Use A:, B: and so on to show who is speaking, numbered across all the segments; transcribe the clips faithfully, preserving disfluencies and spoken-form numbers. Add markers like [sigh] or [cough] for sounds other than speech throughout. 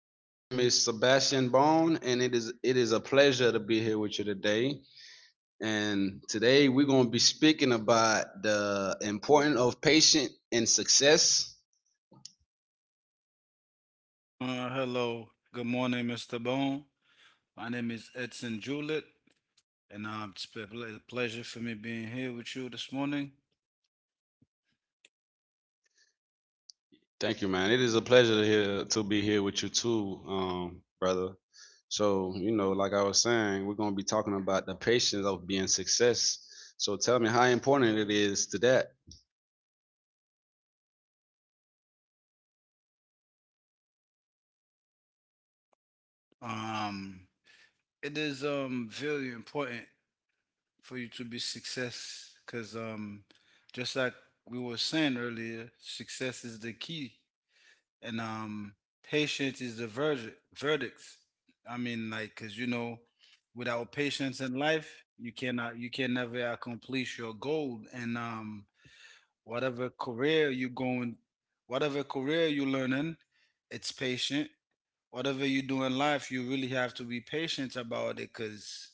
A: My name is Sebastian Bone, and it is it is a pleasure to be here with you today. And today we're going to be speaking about the importance of patience and success.
B: Uh, hello, good morning, mister Bone. My name is Edson Jewett, and um, it's a ple- pleasure for me being here with you this morning.
A: Thank you, man. It is a pleasure to hear, to be here with you too, um, brother. So, you know, like I was saying, we're gonna be talking about the patience of being success. So tell me how important it is to that.
B: Um, it is um very important for you to be success, cause um, just like we were saying earlier, success is the key, and um, patience is the verdict. Verdicts. I mean, like, cause you know, Without patience in life, you cannot, you can never accomplish your goal, and um whatever career you going, whatever career you learning, it's patient. Whatever you do in life you really have to be patient about it, because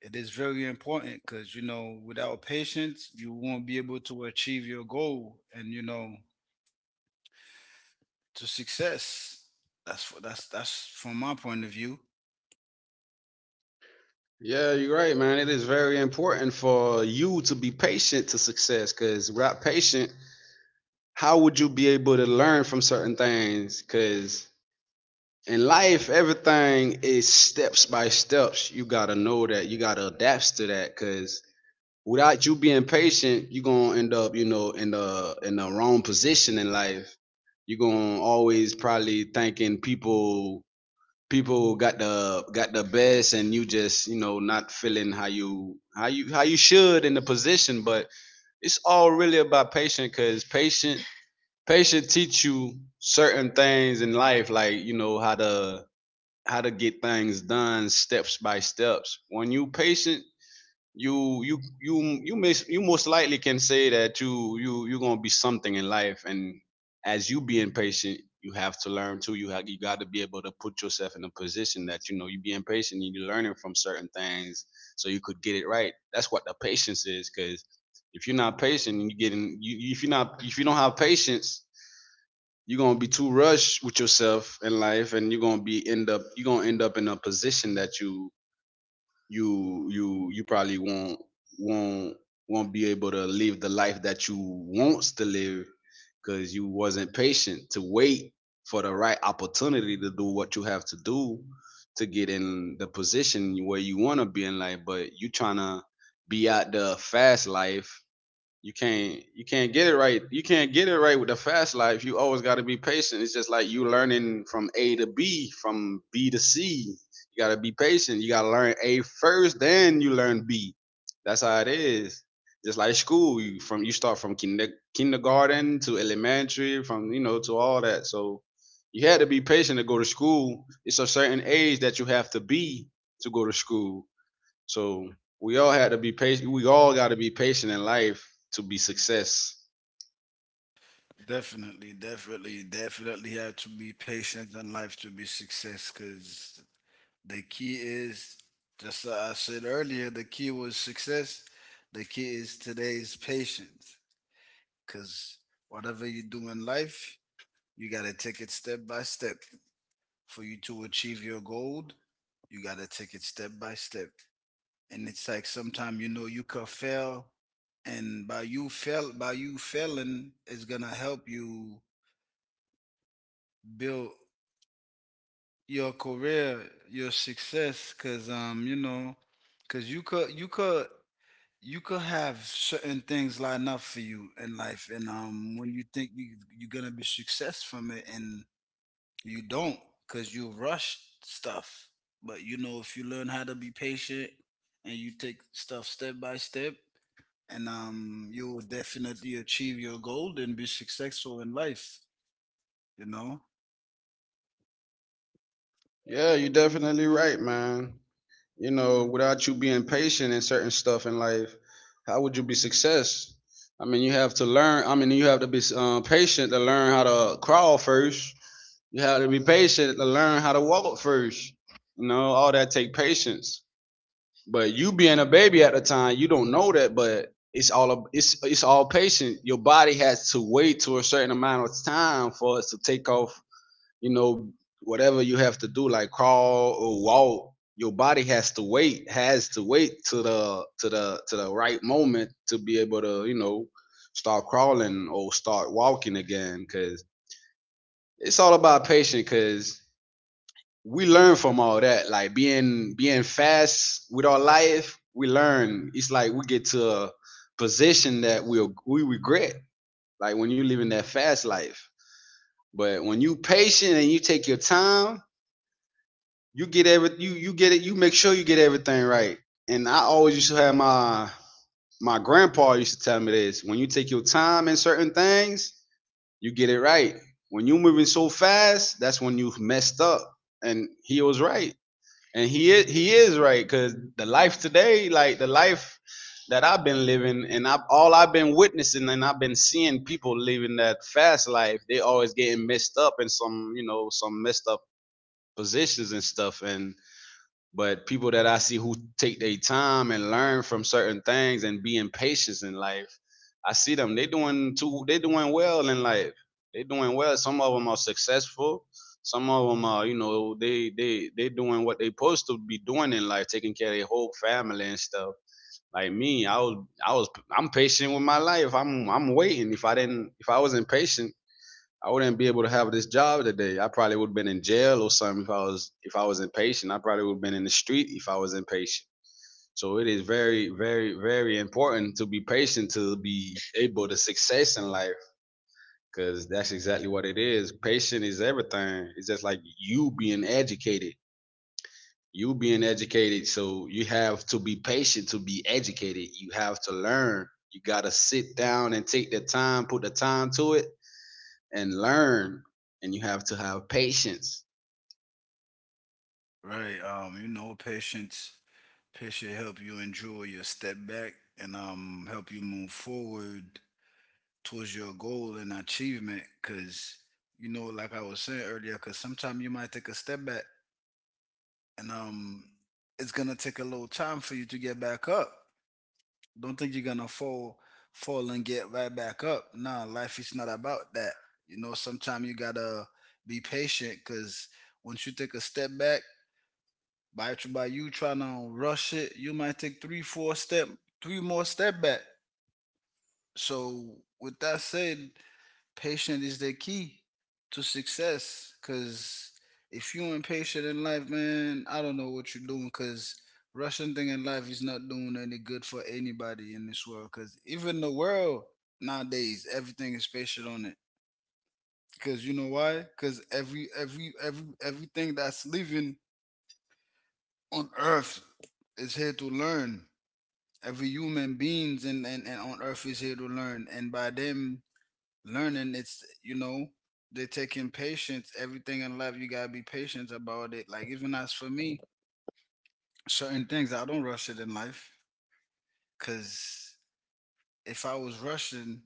B: it is very important. Because you know, without patience you won't be able to achieve your goal, and you know, to success. That's what that's that's from my point of view.
A: Yeah, you're right, man. It is very important for you to be patient to success because without patient, how would you be able to learn from certain things? Because in life, everything is steps by steps. You got to know that. You got to adapt to that because without you being patient, you're gonna end up, you know, in the in the wrong position in life. You're gonna always probably thinking people people got the got the best and you just, you know, not feeling how you how you how you should in the position. But it's all really about patient cause patient patient teach you certain things in life, like, you know, how to how to get things done steps by steps. When you patient, you you you you may you most likely can say that you you you're gonna be something in life, and as you being patient, you have to learn too. You have you got to be able to put yourself in a position that you know you being patient and you're learning from certain things, so you could get it right. That's what the patience is, because if you're not patient, and you getting you if you're not if you don't have patience. You're gonna be too rushed with yourself in life, and you're gonna be end up you're gonna end up in a position that you you you you probably won't won't won't be able to live the life that you wants to live because you wasn't patient to wait for the right opportunity to do what you have to do to get in the position where you want to be in life but you trying to be out the fast life you can't you can't get it right. You can't get it right with the fast life. You always got to be patient. It's just like you learning from A to B, from B to C. You got to be patient. You got to learn A first, then you learn B. That's how it is. Just like school, you from you start from kinder, kindergarten to elementary, from you know to all that. So you had to be patient to go to school. It's a certain age that you have to be to go to school so we all had to be patient. We all got to be patient in life to be success.
B: Definitely, definitely, definitely have to be patient in life to be success, because the key is, just like I said earlier, the key was success. The key is today's patience. Because whatever you do in life, you got to take it step by step. For you to achieve your goal, you got to take it step by step. And it's like sometimes you know you could fail, and by you fail by you failing, it's gonna help you build your career, your success. Cause um, You know, cause you could you could you could have certain things lined up for you in life, and um when you think you, you're gonna be success from it, and you don't, because you rush stuff. But you know, if you learn how to be patient and you take stuff step by step, and um you will definitely achieve your goal and be successful in life, you know.
A: Yeah, you're definitely right, man. You know, without you being patient in certain stuff in life, how would you be success? I mean, you have to learn. I mean, you have to be um, patient to learn how to crawl first. You have to be patient to learn how to walk first. You know, all that take patience. But you being a baby at the time, you don't know that, but it's all a, it's it's all patient. Your body has to wait to a certain amount of time for us to take off. You know, whatever you have to do, like crawl or walk. Your body has to wait, has to wait to the to the to the right moment to be able to you know start crawling or start walking again. Cause it's all about patience. Cause we learn from all that. Like being being fast with our life, we learn. It's like we get to a position that we will we regret. Like when you are living that fast life. But when you patient and you take your time, you get every you you get it. You make sure you get everything right. And I always used to have my my grandpa used to tell me this: when you take your time in certain things, you get it right. When you moving so fast, that's when you messed up. And he was right. And he is he is right because the life today, like the life that I've been living, and I have all I've been witnessing, and I've been seeing people living that fast life. They always getting messed up in some you know some messed up positions and stuff, and but people that I see who take their time and learn from certain things and being patient in life, I see them. They doing too. They doing well in life. They doing well. Some of them are successful. Some of them are, you know, they they they doing what they supposed to be doing in life, taking care of their whole family and stuff. Like me, I was I was I'm patient with my life. I'm I'm waiting. If I didn't, if I was impatient I wouldn't be able to have this job today. I probably would have been in jail or something if I was if I was impatient. I probably would have been in the street if I was impatient. So it is very, very, very important to be patient to be able to success in life because that's exactly what it is. Patient is everything. It's just like you being educated. You being educated, so you have to be patient to be educated. You have to learn. You gotta sit down and take the time, put the time to it, and learn and you have to have patience.
B: Right. Um you know, patience patience help you enjoy your step back, and um help you move forward towards your goal and achievement. Because you know, like I was saying earlier, because sometimes you might take a step back, and um it's gonna take a little time for you to get back up. Don't think you're gonna fall fall and get right back up. Nah, life is not about that. You know, sometimes you gotta be patient, because once you take a step back, by, by you trying to rush it, you might take three four step three more step back. So with that said, patient is the key to success. Cause if you impatient in life, man, I don't know what you're doing. Cause rushing thing in life is not doing any good for anybody in this world. Cause even the world nowadays, everything is patient on it. Cause you know why? Cause every every every everything that's living on Earth is here to learn. Every human beings and, and, and on Earth is here to learn. And by them learning, it's you know, they taking patience. Everything in life you gotta be patient about it, like even as for me, certain things I don't rush it in life. Because if I was rushing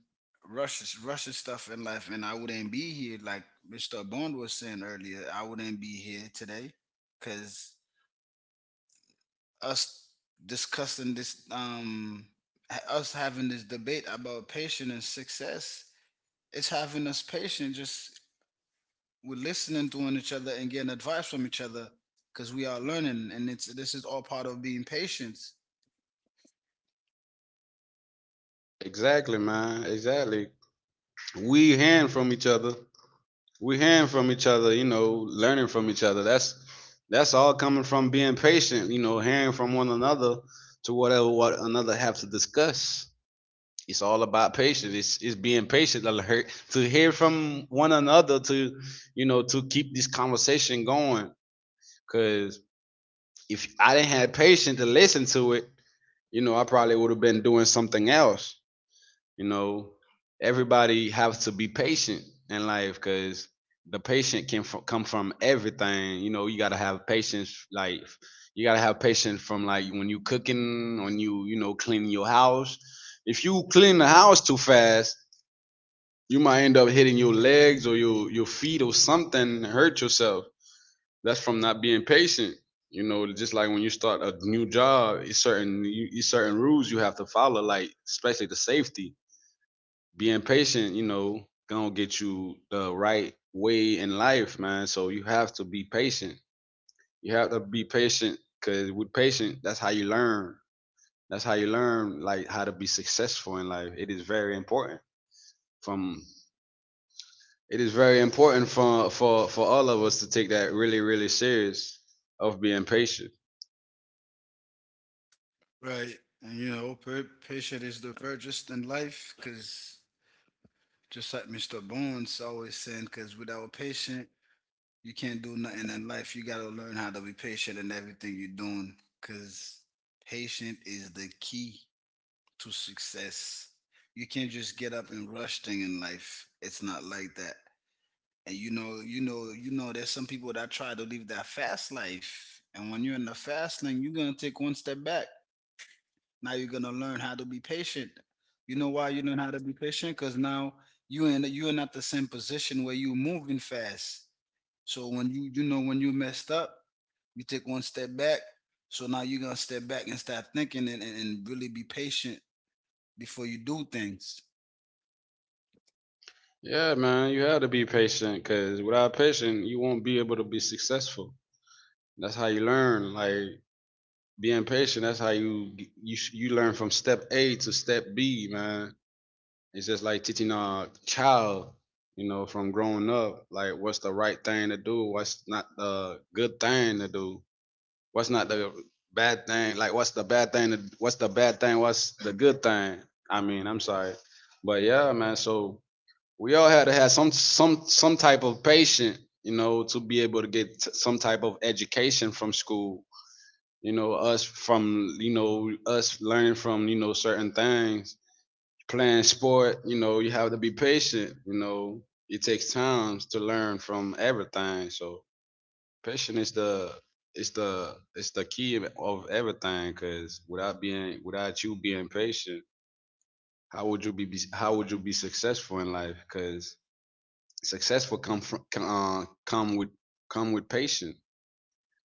B: rushes rushing stuff in life, and I wouldn't be here. Like Mr. Bond was saying earlier, I wouldn't be here today, because us discussing this um ha- us having this debate about patience and success, it's having us patient. Just we're listening to each other and getting advice from each other, because we are learning, and it's this is all part of being patient,
A: Exactly, man. Exactly. We hearing from each other. We hearing from each other. You know, learning from each other. That's that's all coming from being patient. You know, hearing from one another to whatever what another have to discuss. It's all about patience. It's it's being patient to hear, to hear from one another to you know to keep this conversation going. Cause if I didn't have patience to listen to it, you know, I probably would have been doing something else. You know, everybody has to be patient in life because the patient can f- come from everything. You know, you gotta have patience. Like you gotta have patience from like when you cooking, when you you know cleaning your house. If you clean the house too fast, you might end up hitting your legs or your your feet or something, and hurt yourself that's from not being patient. You know, just like when you start a new job, it's certain you, it's certain rules you have to follow, like especially the safety. Being patient, you know, gonna get you the right way in life, man. So you have to be patient. You have to be patient because with patient, that's how you learn. That's how you learn, like how to be successful in life. It is very important. From it is very important for for for all of us to take that really really serious of being patient.
B: right? And you know, pa- patient is the virtuous in life, because just like mister Bones always saying, because without patience, you can't do nothing in life. You gotta learn how to be patient in everything you're doing, because patient is the key to success. You can't just get up and rush thing in life. It's not like that. And you know, you know, you know, there's some people that try to live that fast life. And when you're in the fast lane, you're gonna take one step back. Now you're gonna learn how to be patient. You know why you learn how to be patient? Because now you in you're not the same position where you're moving fast. So when you you know, when you messed up, you take one step back. So now you're gonna step back and start thinking, and, and, and, really be patient before you do things.
A: Yeah, man, you have to be patient because without patience, you won't be able to be successful. That's how you learn. Like being patient, that's how you you sh- you learn from step A to step B, man. It's just like teaching a child, you know, from growing up, like what's the right thing to do, what's not the good thing to do, what's not the bad thing, like what's the bad thing, to, what's the bad thing, what's the good thing. I mean, I'm sorry, but yeah, man. So we all had to have some some some type of patient you know to be able to get t- some type of education from school you know us from you know us learning from you know certain things playing sport you know you have to be patient you know it takes time to learn from everything so patient is the it's the it's the key of of everything because without being without you being patient how would you be how would you be successful in life? Because successful come from come, uh, come with come with patience.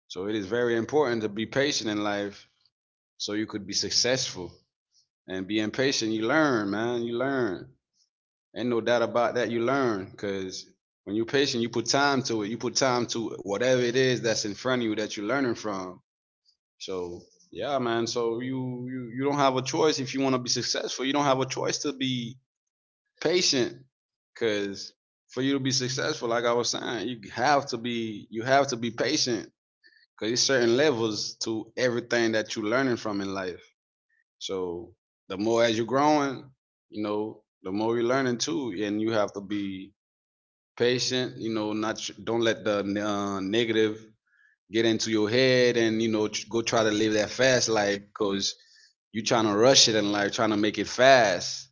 A: So it is very important to be patient in life, so you could be successful. And being patient, you learn, man. You learn. Ain't no doubt about that. You learn, cause when you're patient, you put time to it. You put time to whatever it is that's in front of you that you're learning from. So yeah, man. So you you you don't have a choice if you want to be successful. You don't have a choice to be patient because for you to be successful, like I was saying, you have to be you have to be patient because there's certain levels to everything that you're learning from in life. So the more as you're growing, you know, the more you're learning too, and you have to be patient, you know. Not tr- Don't let the uh, negative get into your head and, you know, tr- go try to live that fast life. Because you trying to rush it in life, trying to make it fast,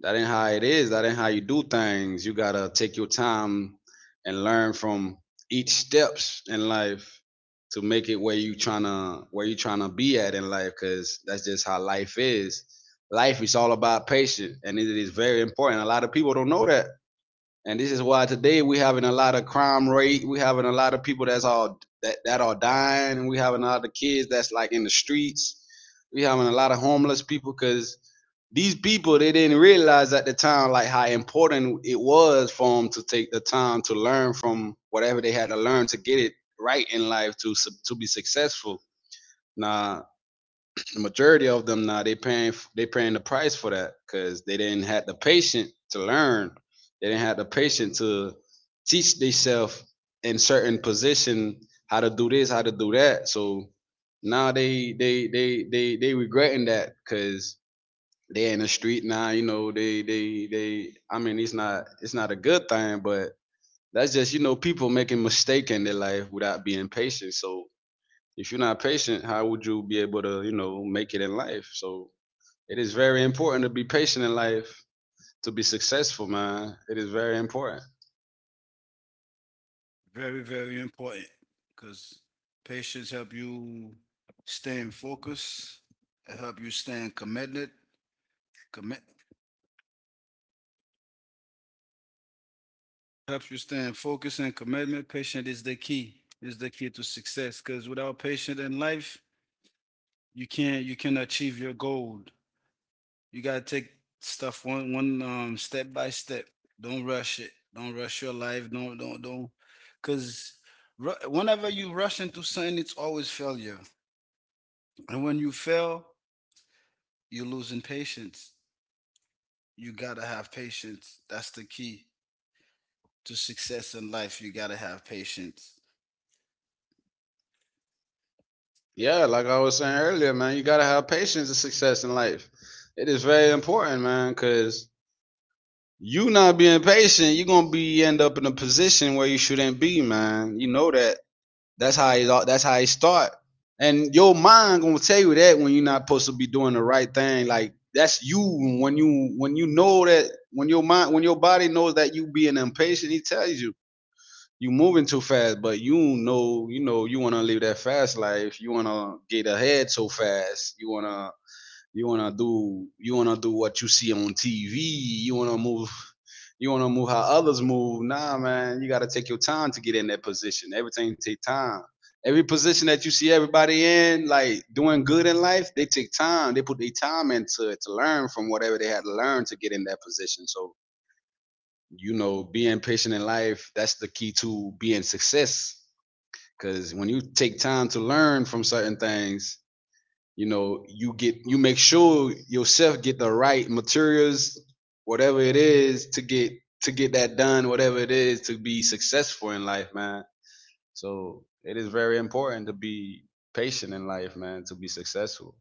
A: that ain't how it is. That ain't how you do things. You gotta take your time and learn from each steps in life to make it where you trying to where you trying to be at in life. Cause that's just how life is. Life is all about patience, and it is very important. A lot of people don't know that, and this is why today we having a lot of crime rate. We having a lot of people that's all that that are dying, and we having a lot of kids that's like in the streets. We having a lot of homeless people because these people, they didn't realize at the time like how important it was for them to take the time to learn from whatever they had to learn to get it right in life to to be successful. Nah, the majority of them now, they paying they paying the price for that because they didn't have the patient to learn. They didn't have the patient to teach themselves in certain position how to do this, how to do that. So now they they they they they regretting that because they in the street now. You know, they they they. I mean it's not it's not a good thing, but that's just, you know, people making mistake in their life without being patient. So if you're not patient, how would you be able to, you know, make it in life? So it is very important to be patient in life to be successful, man. It is very important.
B: Very, very important, because patience help you stay in focus. It help you stay committed, commit, helps you stay in focus and commitment. Patient is the key, is the key to success, because without patience in life, you can't, you can achieve your goal. You gotta take stuff one, one, um, step by step. Don't rush it. Don't rush your life. Don't, don't, don't, Because whenever you rush into something, it's always failure. And when you fail, you're losing patience. You gotta have patience. That's the key to success in life. You gotta have patience.
A: Yeah, like I was saying earlier, man, you gotta have patience to success in life. It is very important, man, because you not being patient, you're gonna be end up in a position where you shouldn't be, man. You know that. That's how it. all- That's how it start. And your mind gonna tell you that when you're not supposed to be doing the right thing. Like that's you when you when you know that, when your mind, when your body knows that you being impatient, he tells you you moving too fast. But you know you know you wanna live that fast life. You wanna get ahead so fast. You wanna you wanna do you wanna do what you see on T V. You wanna move you wanna move how others move. Nah, man, you gotta take your time to get in that position. Everything take time. Every position that you see everybody in, like doing good in life, they take time. They put their time into it to learn from whatever they had to learn to get in that position. So, you know, being patient in life, that's the key to being success. Cause when you take time to learn from certain things, you know, you get you make sure yourself get the right materials, whatever it is, to get to get that done, whatever it is to be successful in life, man. So it is very important to be patient in life, man, to be successful.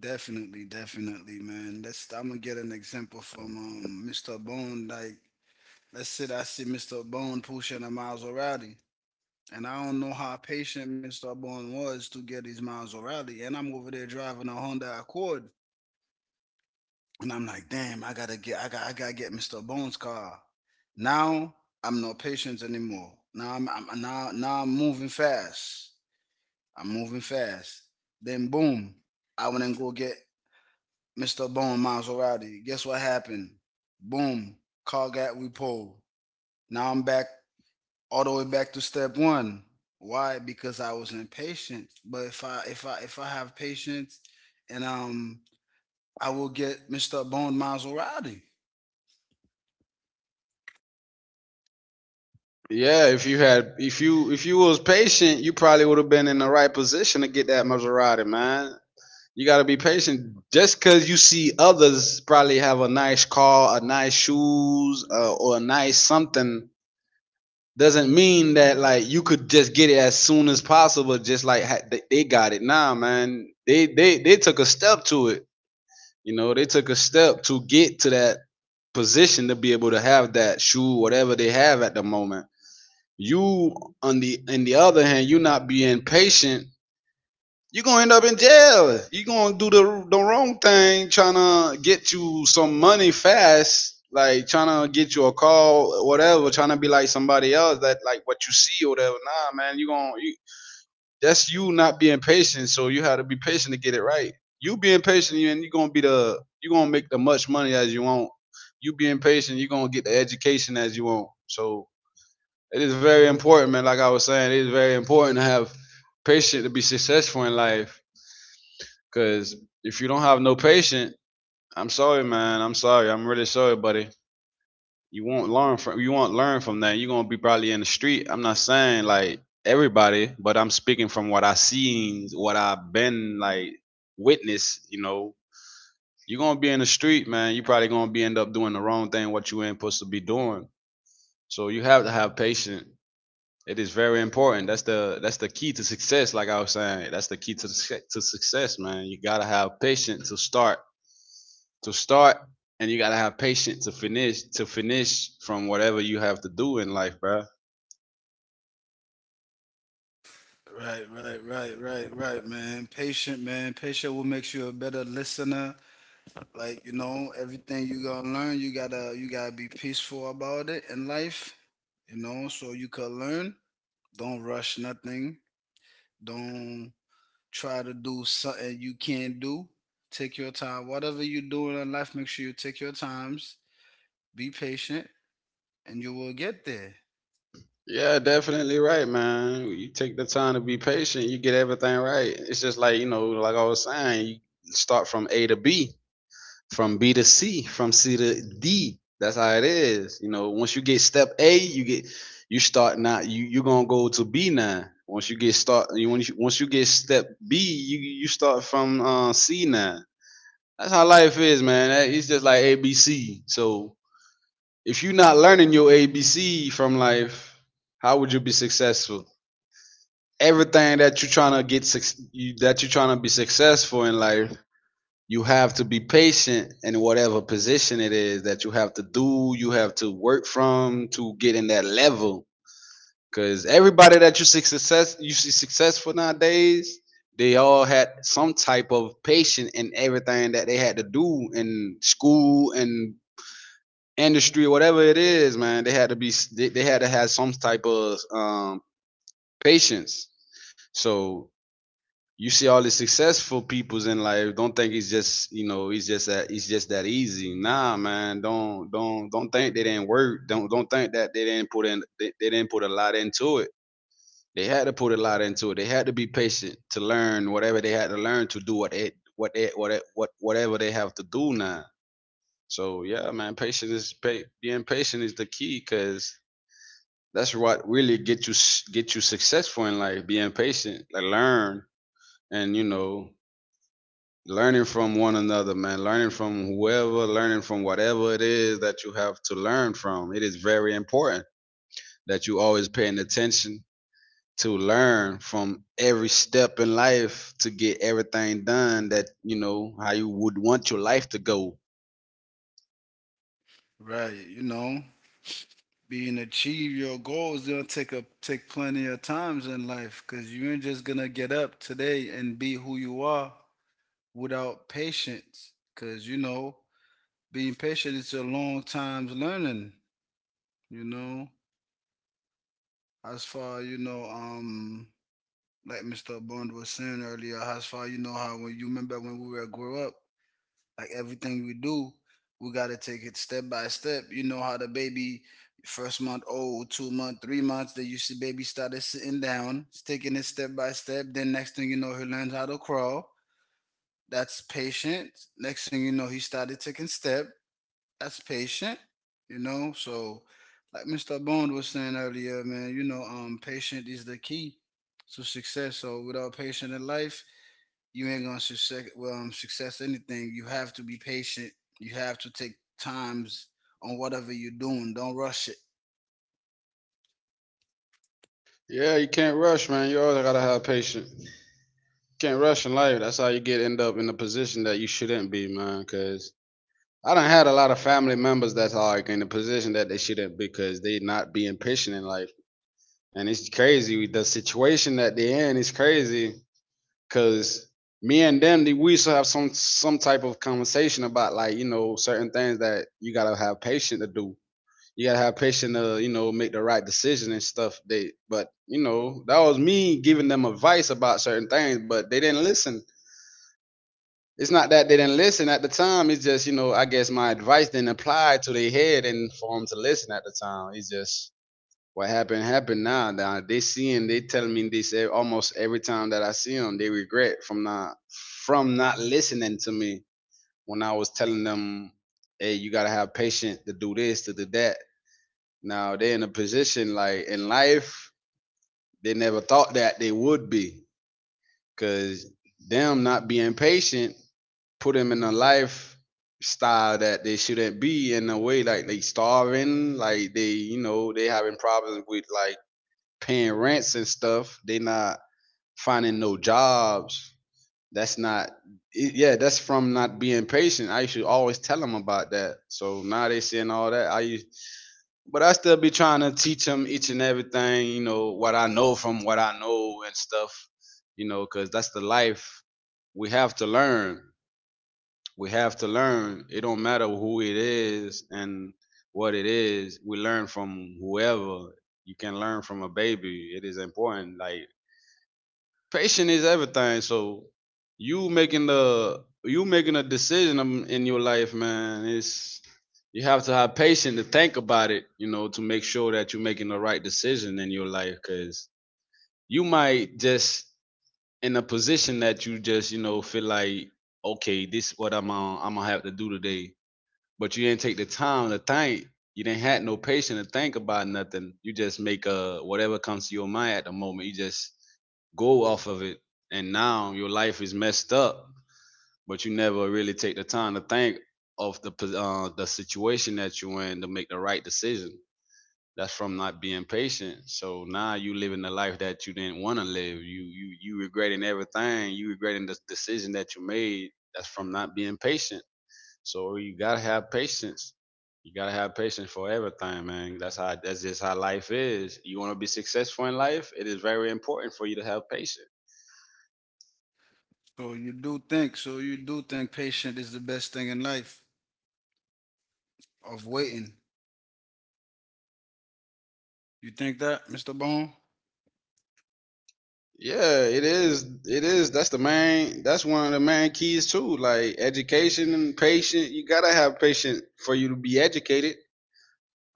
B: Definitely, definitely, man. Let's. I'm gonna get an example from um, mister Bone. Like, let's say I see mister Bone pushing a Maserati, and I don't know how patient mister Bone was to get his Maserati, and I'm over there driving a Honda Accord. And I'm like, damn, I gotta get, I got, I gotta get mister Bones' car. Now I'm no patience anymore. Now I'm, I'm now, now I'm moving fast. I'm moving fast. Then boom, I went and go get mister Bone Miles O'Reilly. Guess what happened? Boom, car got repoed. Now I'm back all the way back to step one. Why? Because I was impatient. But if I, if I, if I have patience, and um, I will get mister Bone Miles O'Reilly.
A: Yeah, if you had if you if you was patient, you probably would have been in the right position to get that Maserati, man. You got to be patient. Just because you see others probably have a nice car, a nice shoes, uh, or a nice something, doesn't mean that like you could just get it as soon as possible. Just like they- got it now, man. They they they took a step to it. You know, they took a step to get to that position to be able to have that shoe, whatever they have at the moment. You on the in the other hand, you not being patient, you're gonna end up in jail. You're gonna do the the wrong thing, trying to get you some money fast, like trying to get you a call, whatever, trying to be like somebody else that like what you see or whatever. Nah, man, you gonna you, that's you not being patient. So you have to be patient to get it right. You being patient, you and you're gonna be the you gonna make the much money as you want. You being patient, you're gonna get the education as you want. So it is very important, man. Like I was saying, it is very important to have patience to be successful in life. Cause if you don't have no patience, I'm sorry, man. I'm sorry. I'm really sorry, buddy. You won't learn from you won't learn from that. You're gonna be probably in the street. I'm not saying like everybody, but I'm speaking from what I seen, what I've been like witness, you know. You're gonna be in the street, man. You probably gonna be end up doing the wrong thing what you ain't supposed to be doing. So you have to have patience. It is very important. That's the that's the key to success. Like I was saying, that's the key to the, to success, man. You gotta have patience to start, to start, and you gotta have patience to finish, to finish from whatever you have to do in life, bro.
B: Right, right, right, right, right, man. Patient, man. Patient will make you a better listener. Like, you know, everything you gotta learn, you gotta you gotta be peaceful about it in life, you know, so you could learn. Don't rush nothing. Don't try to do something you can't do. Take your time. Whatever you do in life, make sure you take your times, be patient, and you will get there.
A: Yeah, definitely right, man. You take the time to be patient, you get everything right. It's just like, you know, like I was saying, you start from A to B, from B to C, from C to D. That's how it is. You know, once you get step A, you get you start now. You you gonna go to B now. Once you get start, you once you, once you get step B, you you start from uh, C now. That's how life is, man. It's just like A B C. So if you're not learning your A B C from life, how would you be successful? Everything that you're trying to get that you're trying to be successful in life, you have to be patient in whatever position it is that you have to do, you have to work from to get in that level. Cause everybody that you see success you see successful nowadays, they all had some type of patience in everything that they had to do in school and industry, whatever it is, man. They had to be they, they had to have some type of um patience. So you see all the successful peoples in life, don't think it's just, you know, it's just that it's just that easy. Nah, man, don't don't don't think they didn't work. Don't don't think that they didn't put in they, they didn't put a lot into it. They had to put a lot into it. They had to be patient to learn whatever they had to learn to do what it what it what it, what whatever they have to do now. So yeah, man, patience is pa- being patient is the key because that's what really get you s- get you successful in life. Being patient, like learn and, you know, learning from one another, man, learning from whoever, learning from whatever it is that you have to learn from. It is very important that you always paying attention to learn from every step in life to get everything done that, you know, how you would want your life to go.
B: Right, you know. Being achieve your goals gonna take a take plenty of times in life, because you ain't just gonna get up today and be who you are without patience. Because you know, being patient it's a long time's learning, you know. As far you know, um like Mr. Bond was saying earlier, as far you know how, when you remember when we were grew up. Like everything we do, we gotta take it step by step. You know how the baby first month old, two month, three months, then you see baby started sitting down, taking it step by step. Then next thing you know, he learns how to crawl. That's patient. Next thing you know, he started taking step, that's patient, you know. So, like mister Bond was saying earlier, man, you know, um, patient is the key to success. So, without patient in life, you ain't gonna success well, um, success anything. You have to be patient. You have to take times on whatever you're doing. Don't rush it.
A: Yeah, you can't rush, man. You always gotta have patience. You Can't rush in life. That's how you get end up in a position that you shouldn't be, man. Cause I done had a lot of family members that's like in a position that they shouldn't be because they not being patient in life, and it's crazy. The situation at the end is crazy because me and them, they- we used to have some some type of conversation about, like, you know, certain things that you gotta have patience to do. You gotta have patience to, you know, make the right decision and stuff. They but, you know, that was me giving them advice about certain things, but they didn't listen. It's not that they didn't listen at the time. It's just, you know, I guess my advice didn't apply to their head and for them to listen at the time. It's just what happened happened now. Now they seeing, they tell me this e- almost every time that I see them, they regret from not from not listening to me when I was telling them, hey, you gotta have patience to do this, to do that. Now they are in a position, like, in life they never thought that they would be, cause them not being patient put them in a life style that they shouldn't be in. A way like they starving, like they you know they having problems with like paying rents and stuff. They not finding no jobs. That's not it- yeah. That's from not being patient. I used to always tell them about that. So now they seeing all that. I used, but I still be trying to teach them each and everything. You know what I know, from what I know and stuff. You know, cause that's the life. We have to learn. We have to learn. It don't matter who it is and what it is. We learn from whoever. You can learn from a baby. It is important. Like, patience is everything. So you making the you making a decision um, in your life, man. It's you have to have patience to think about it, you know, to make sure that you're making the right decision in your life. Cause you might just in a position that you just, you know, feel like, okay, this is what I'm on, I'm gonna have to do today, but you didn't take the time to think. You didn't had no patience to think about nothing. You just make a whatever comes to your mind at the moment. You just go off of it, and now your life is messed up. But you never really take the time to think of the uh, the situation that you're in to make the right decision. That's from not being patient. So now you living the life that you didn't want to live. You you you regretting everything. You regretting the decision that you made. That's from not being patient. So you gotta have patience. You gotta have patience for everything, man. That's how that's just how life is. You wanna be successful in life, it is very important for you to have patience.
B: So you do think. So you do think patient is the best thing in life of waiting. You think that, mister Bond?
A: Yeah, it is, it is that's the main, that's one of the main keys too. Like education and patience. You gotta have patience for you to be educated.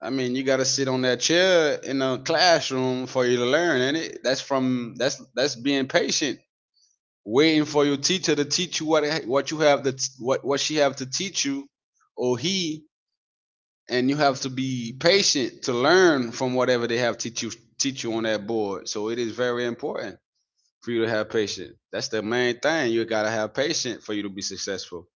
A: I mean, you gotta sit on that chair in a classroom for you to learn, and it that's from, that's that's being patient, waiting for your teacher to teach you what what you have to, what what she have to teach you, or he. And you have to be patient to learn from whatever they have teach you, teach you on that board. So it is very important for you to have patience. That's the main thing. You got to have patience for you to be successful.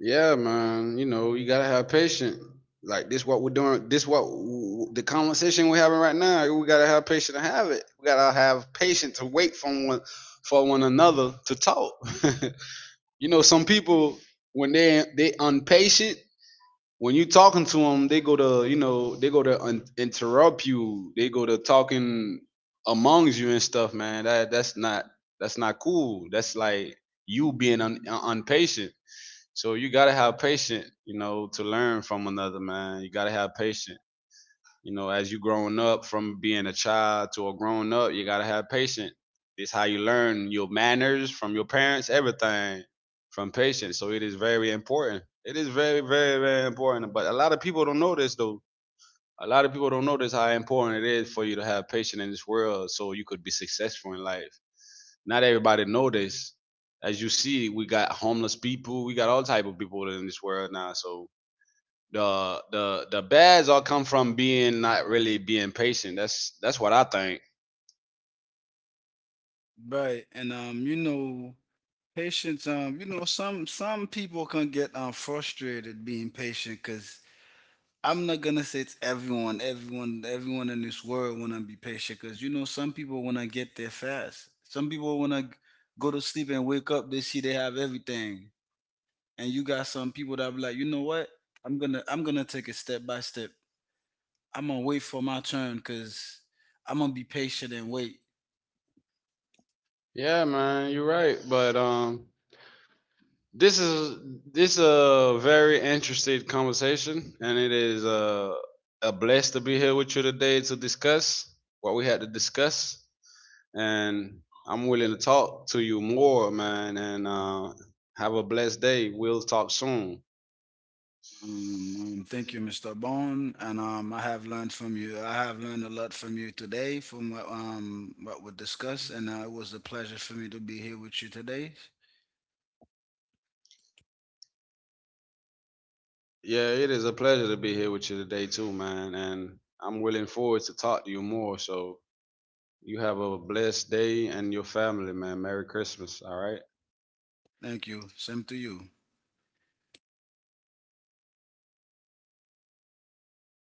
A: Yeah, man, you know, you got to have patience. Like, this what we're doing, this what, the conversation we're having right now, we got to have patience to have it. We got to have patience to wait for one for one another to talk. [laughs] You know, some people, when they they impatient, when you talking to them, they go to, you know, they go to un- interrupt you. They go to talking amongst you and stuff, man. That that's not, that's not cool. That's like you being un, un- impatient. So you gotta have patience, you know, to learn from another man. You gotta have patience. You know, as you growing up from being a child to a grown up, you gotta have patience. It's how you learn your manners from your parents, everything from patience. So it is very important. It is very, very, very important. But a lot of people don't know this though. A lot of people don't notice how important it is for you to have patience in this world so you could be successful in life. Not everybody know this. As you see, we got homeless people, we got all type of people in this world now. So the the the bads all come from being, not really being patient. That's that's what I think.
B: Right. And um, you know, Patience, um, you know, some some people can get um frustrated being patient, because I'm not gonna say it's everyone, everyone, everyone in this world wanna be patient. Because you know some people wanna get there fast. Some people wanna go to sleep and wake up, they see they have everything, and you got some people that be like, you know what, I'm gonna I'm gonna take it step by step. I'm gonna wait for my turn, because I'm gonna be patient and wait.
A: Yeah, man, you're right. But um, this is, this a very interesting conversation, and it is uh, a blessed to be here with you today to discuss what we had to discuss. And I'm willing to talk to you more, man. And uh, have a blessed day. We'll talk soon.
B: Um, um, thank you, mister Bone, and um, I have learned from you. I have learned a lot from you today, from what um what we discussed, and uh, it was a pleasure for me to be here with you today.
A: Yeah, it is a pleasure to be here with you today too, man. And I'm willing forward to talk to you more. So you have a blessed day, and your family, man. Merry Christmas. All right.
B: Thank you. Same to you.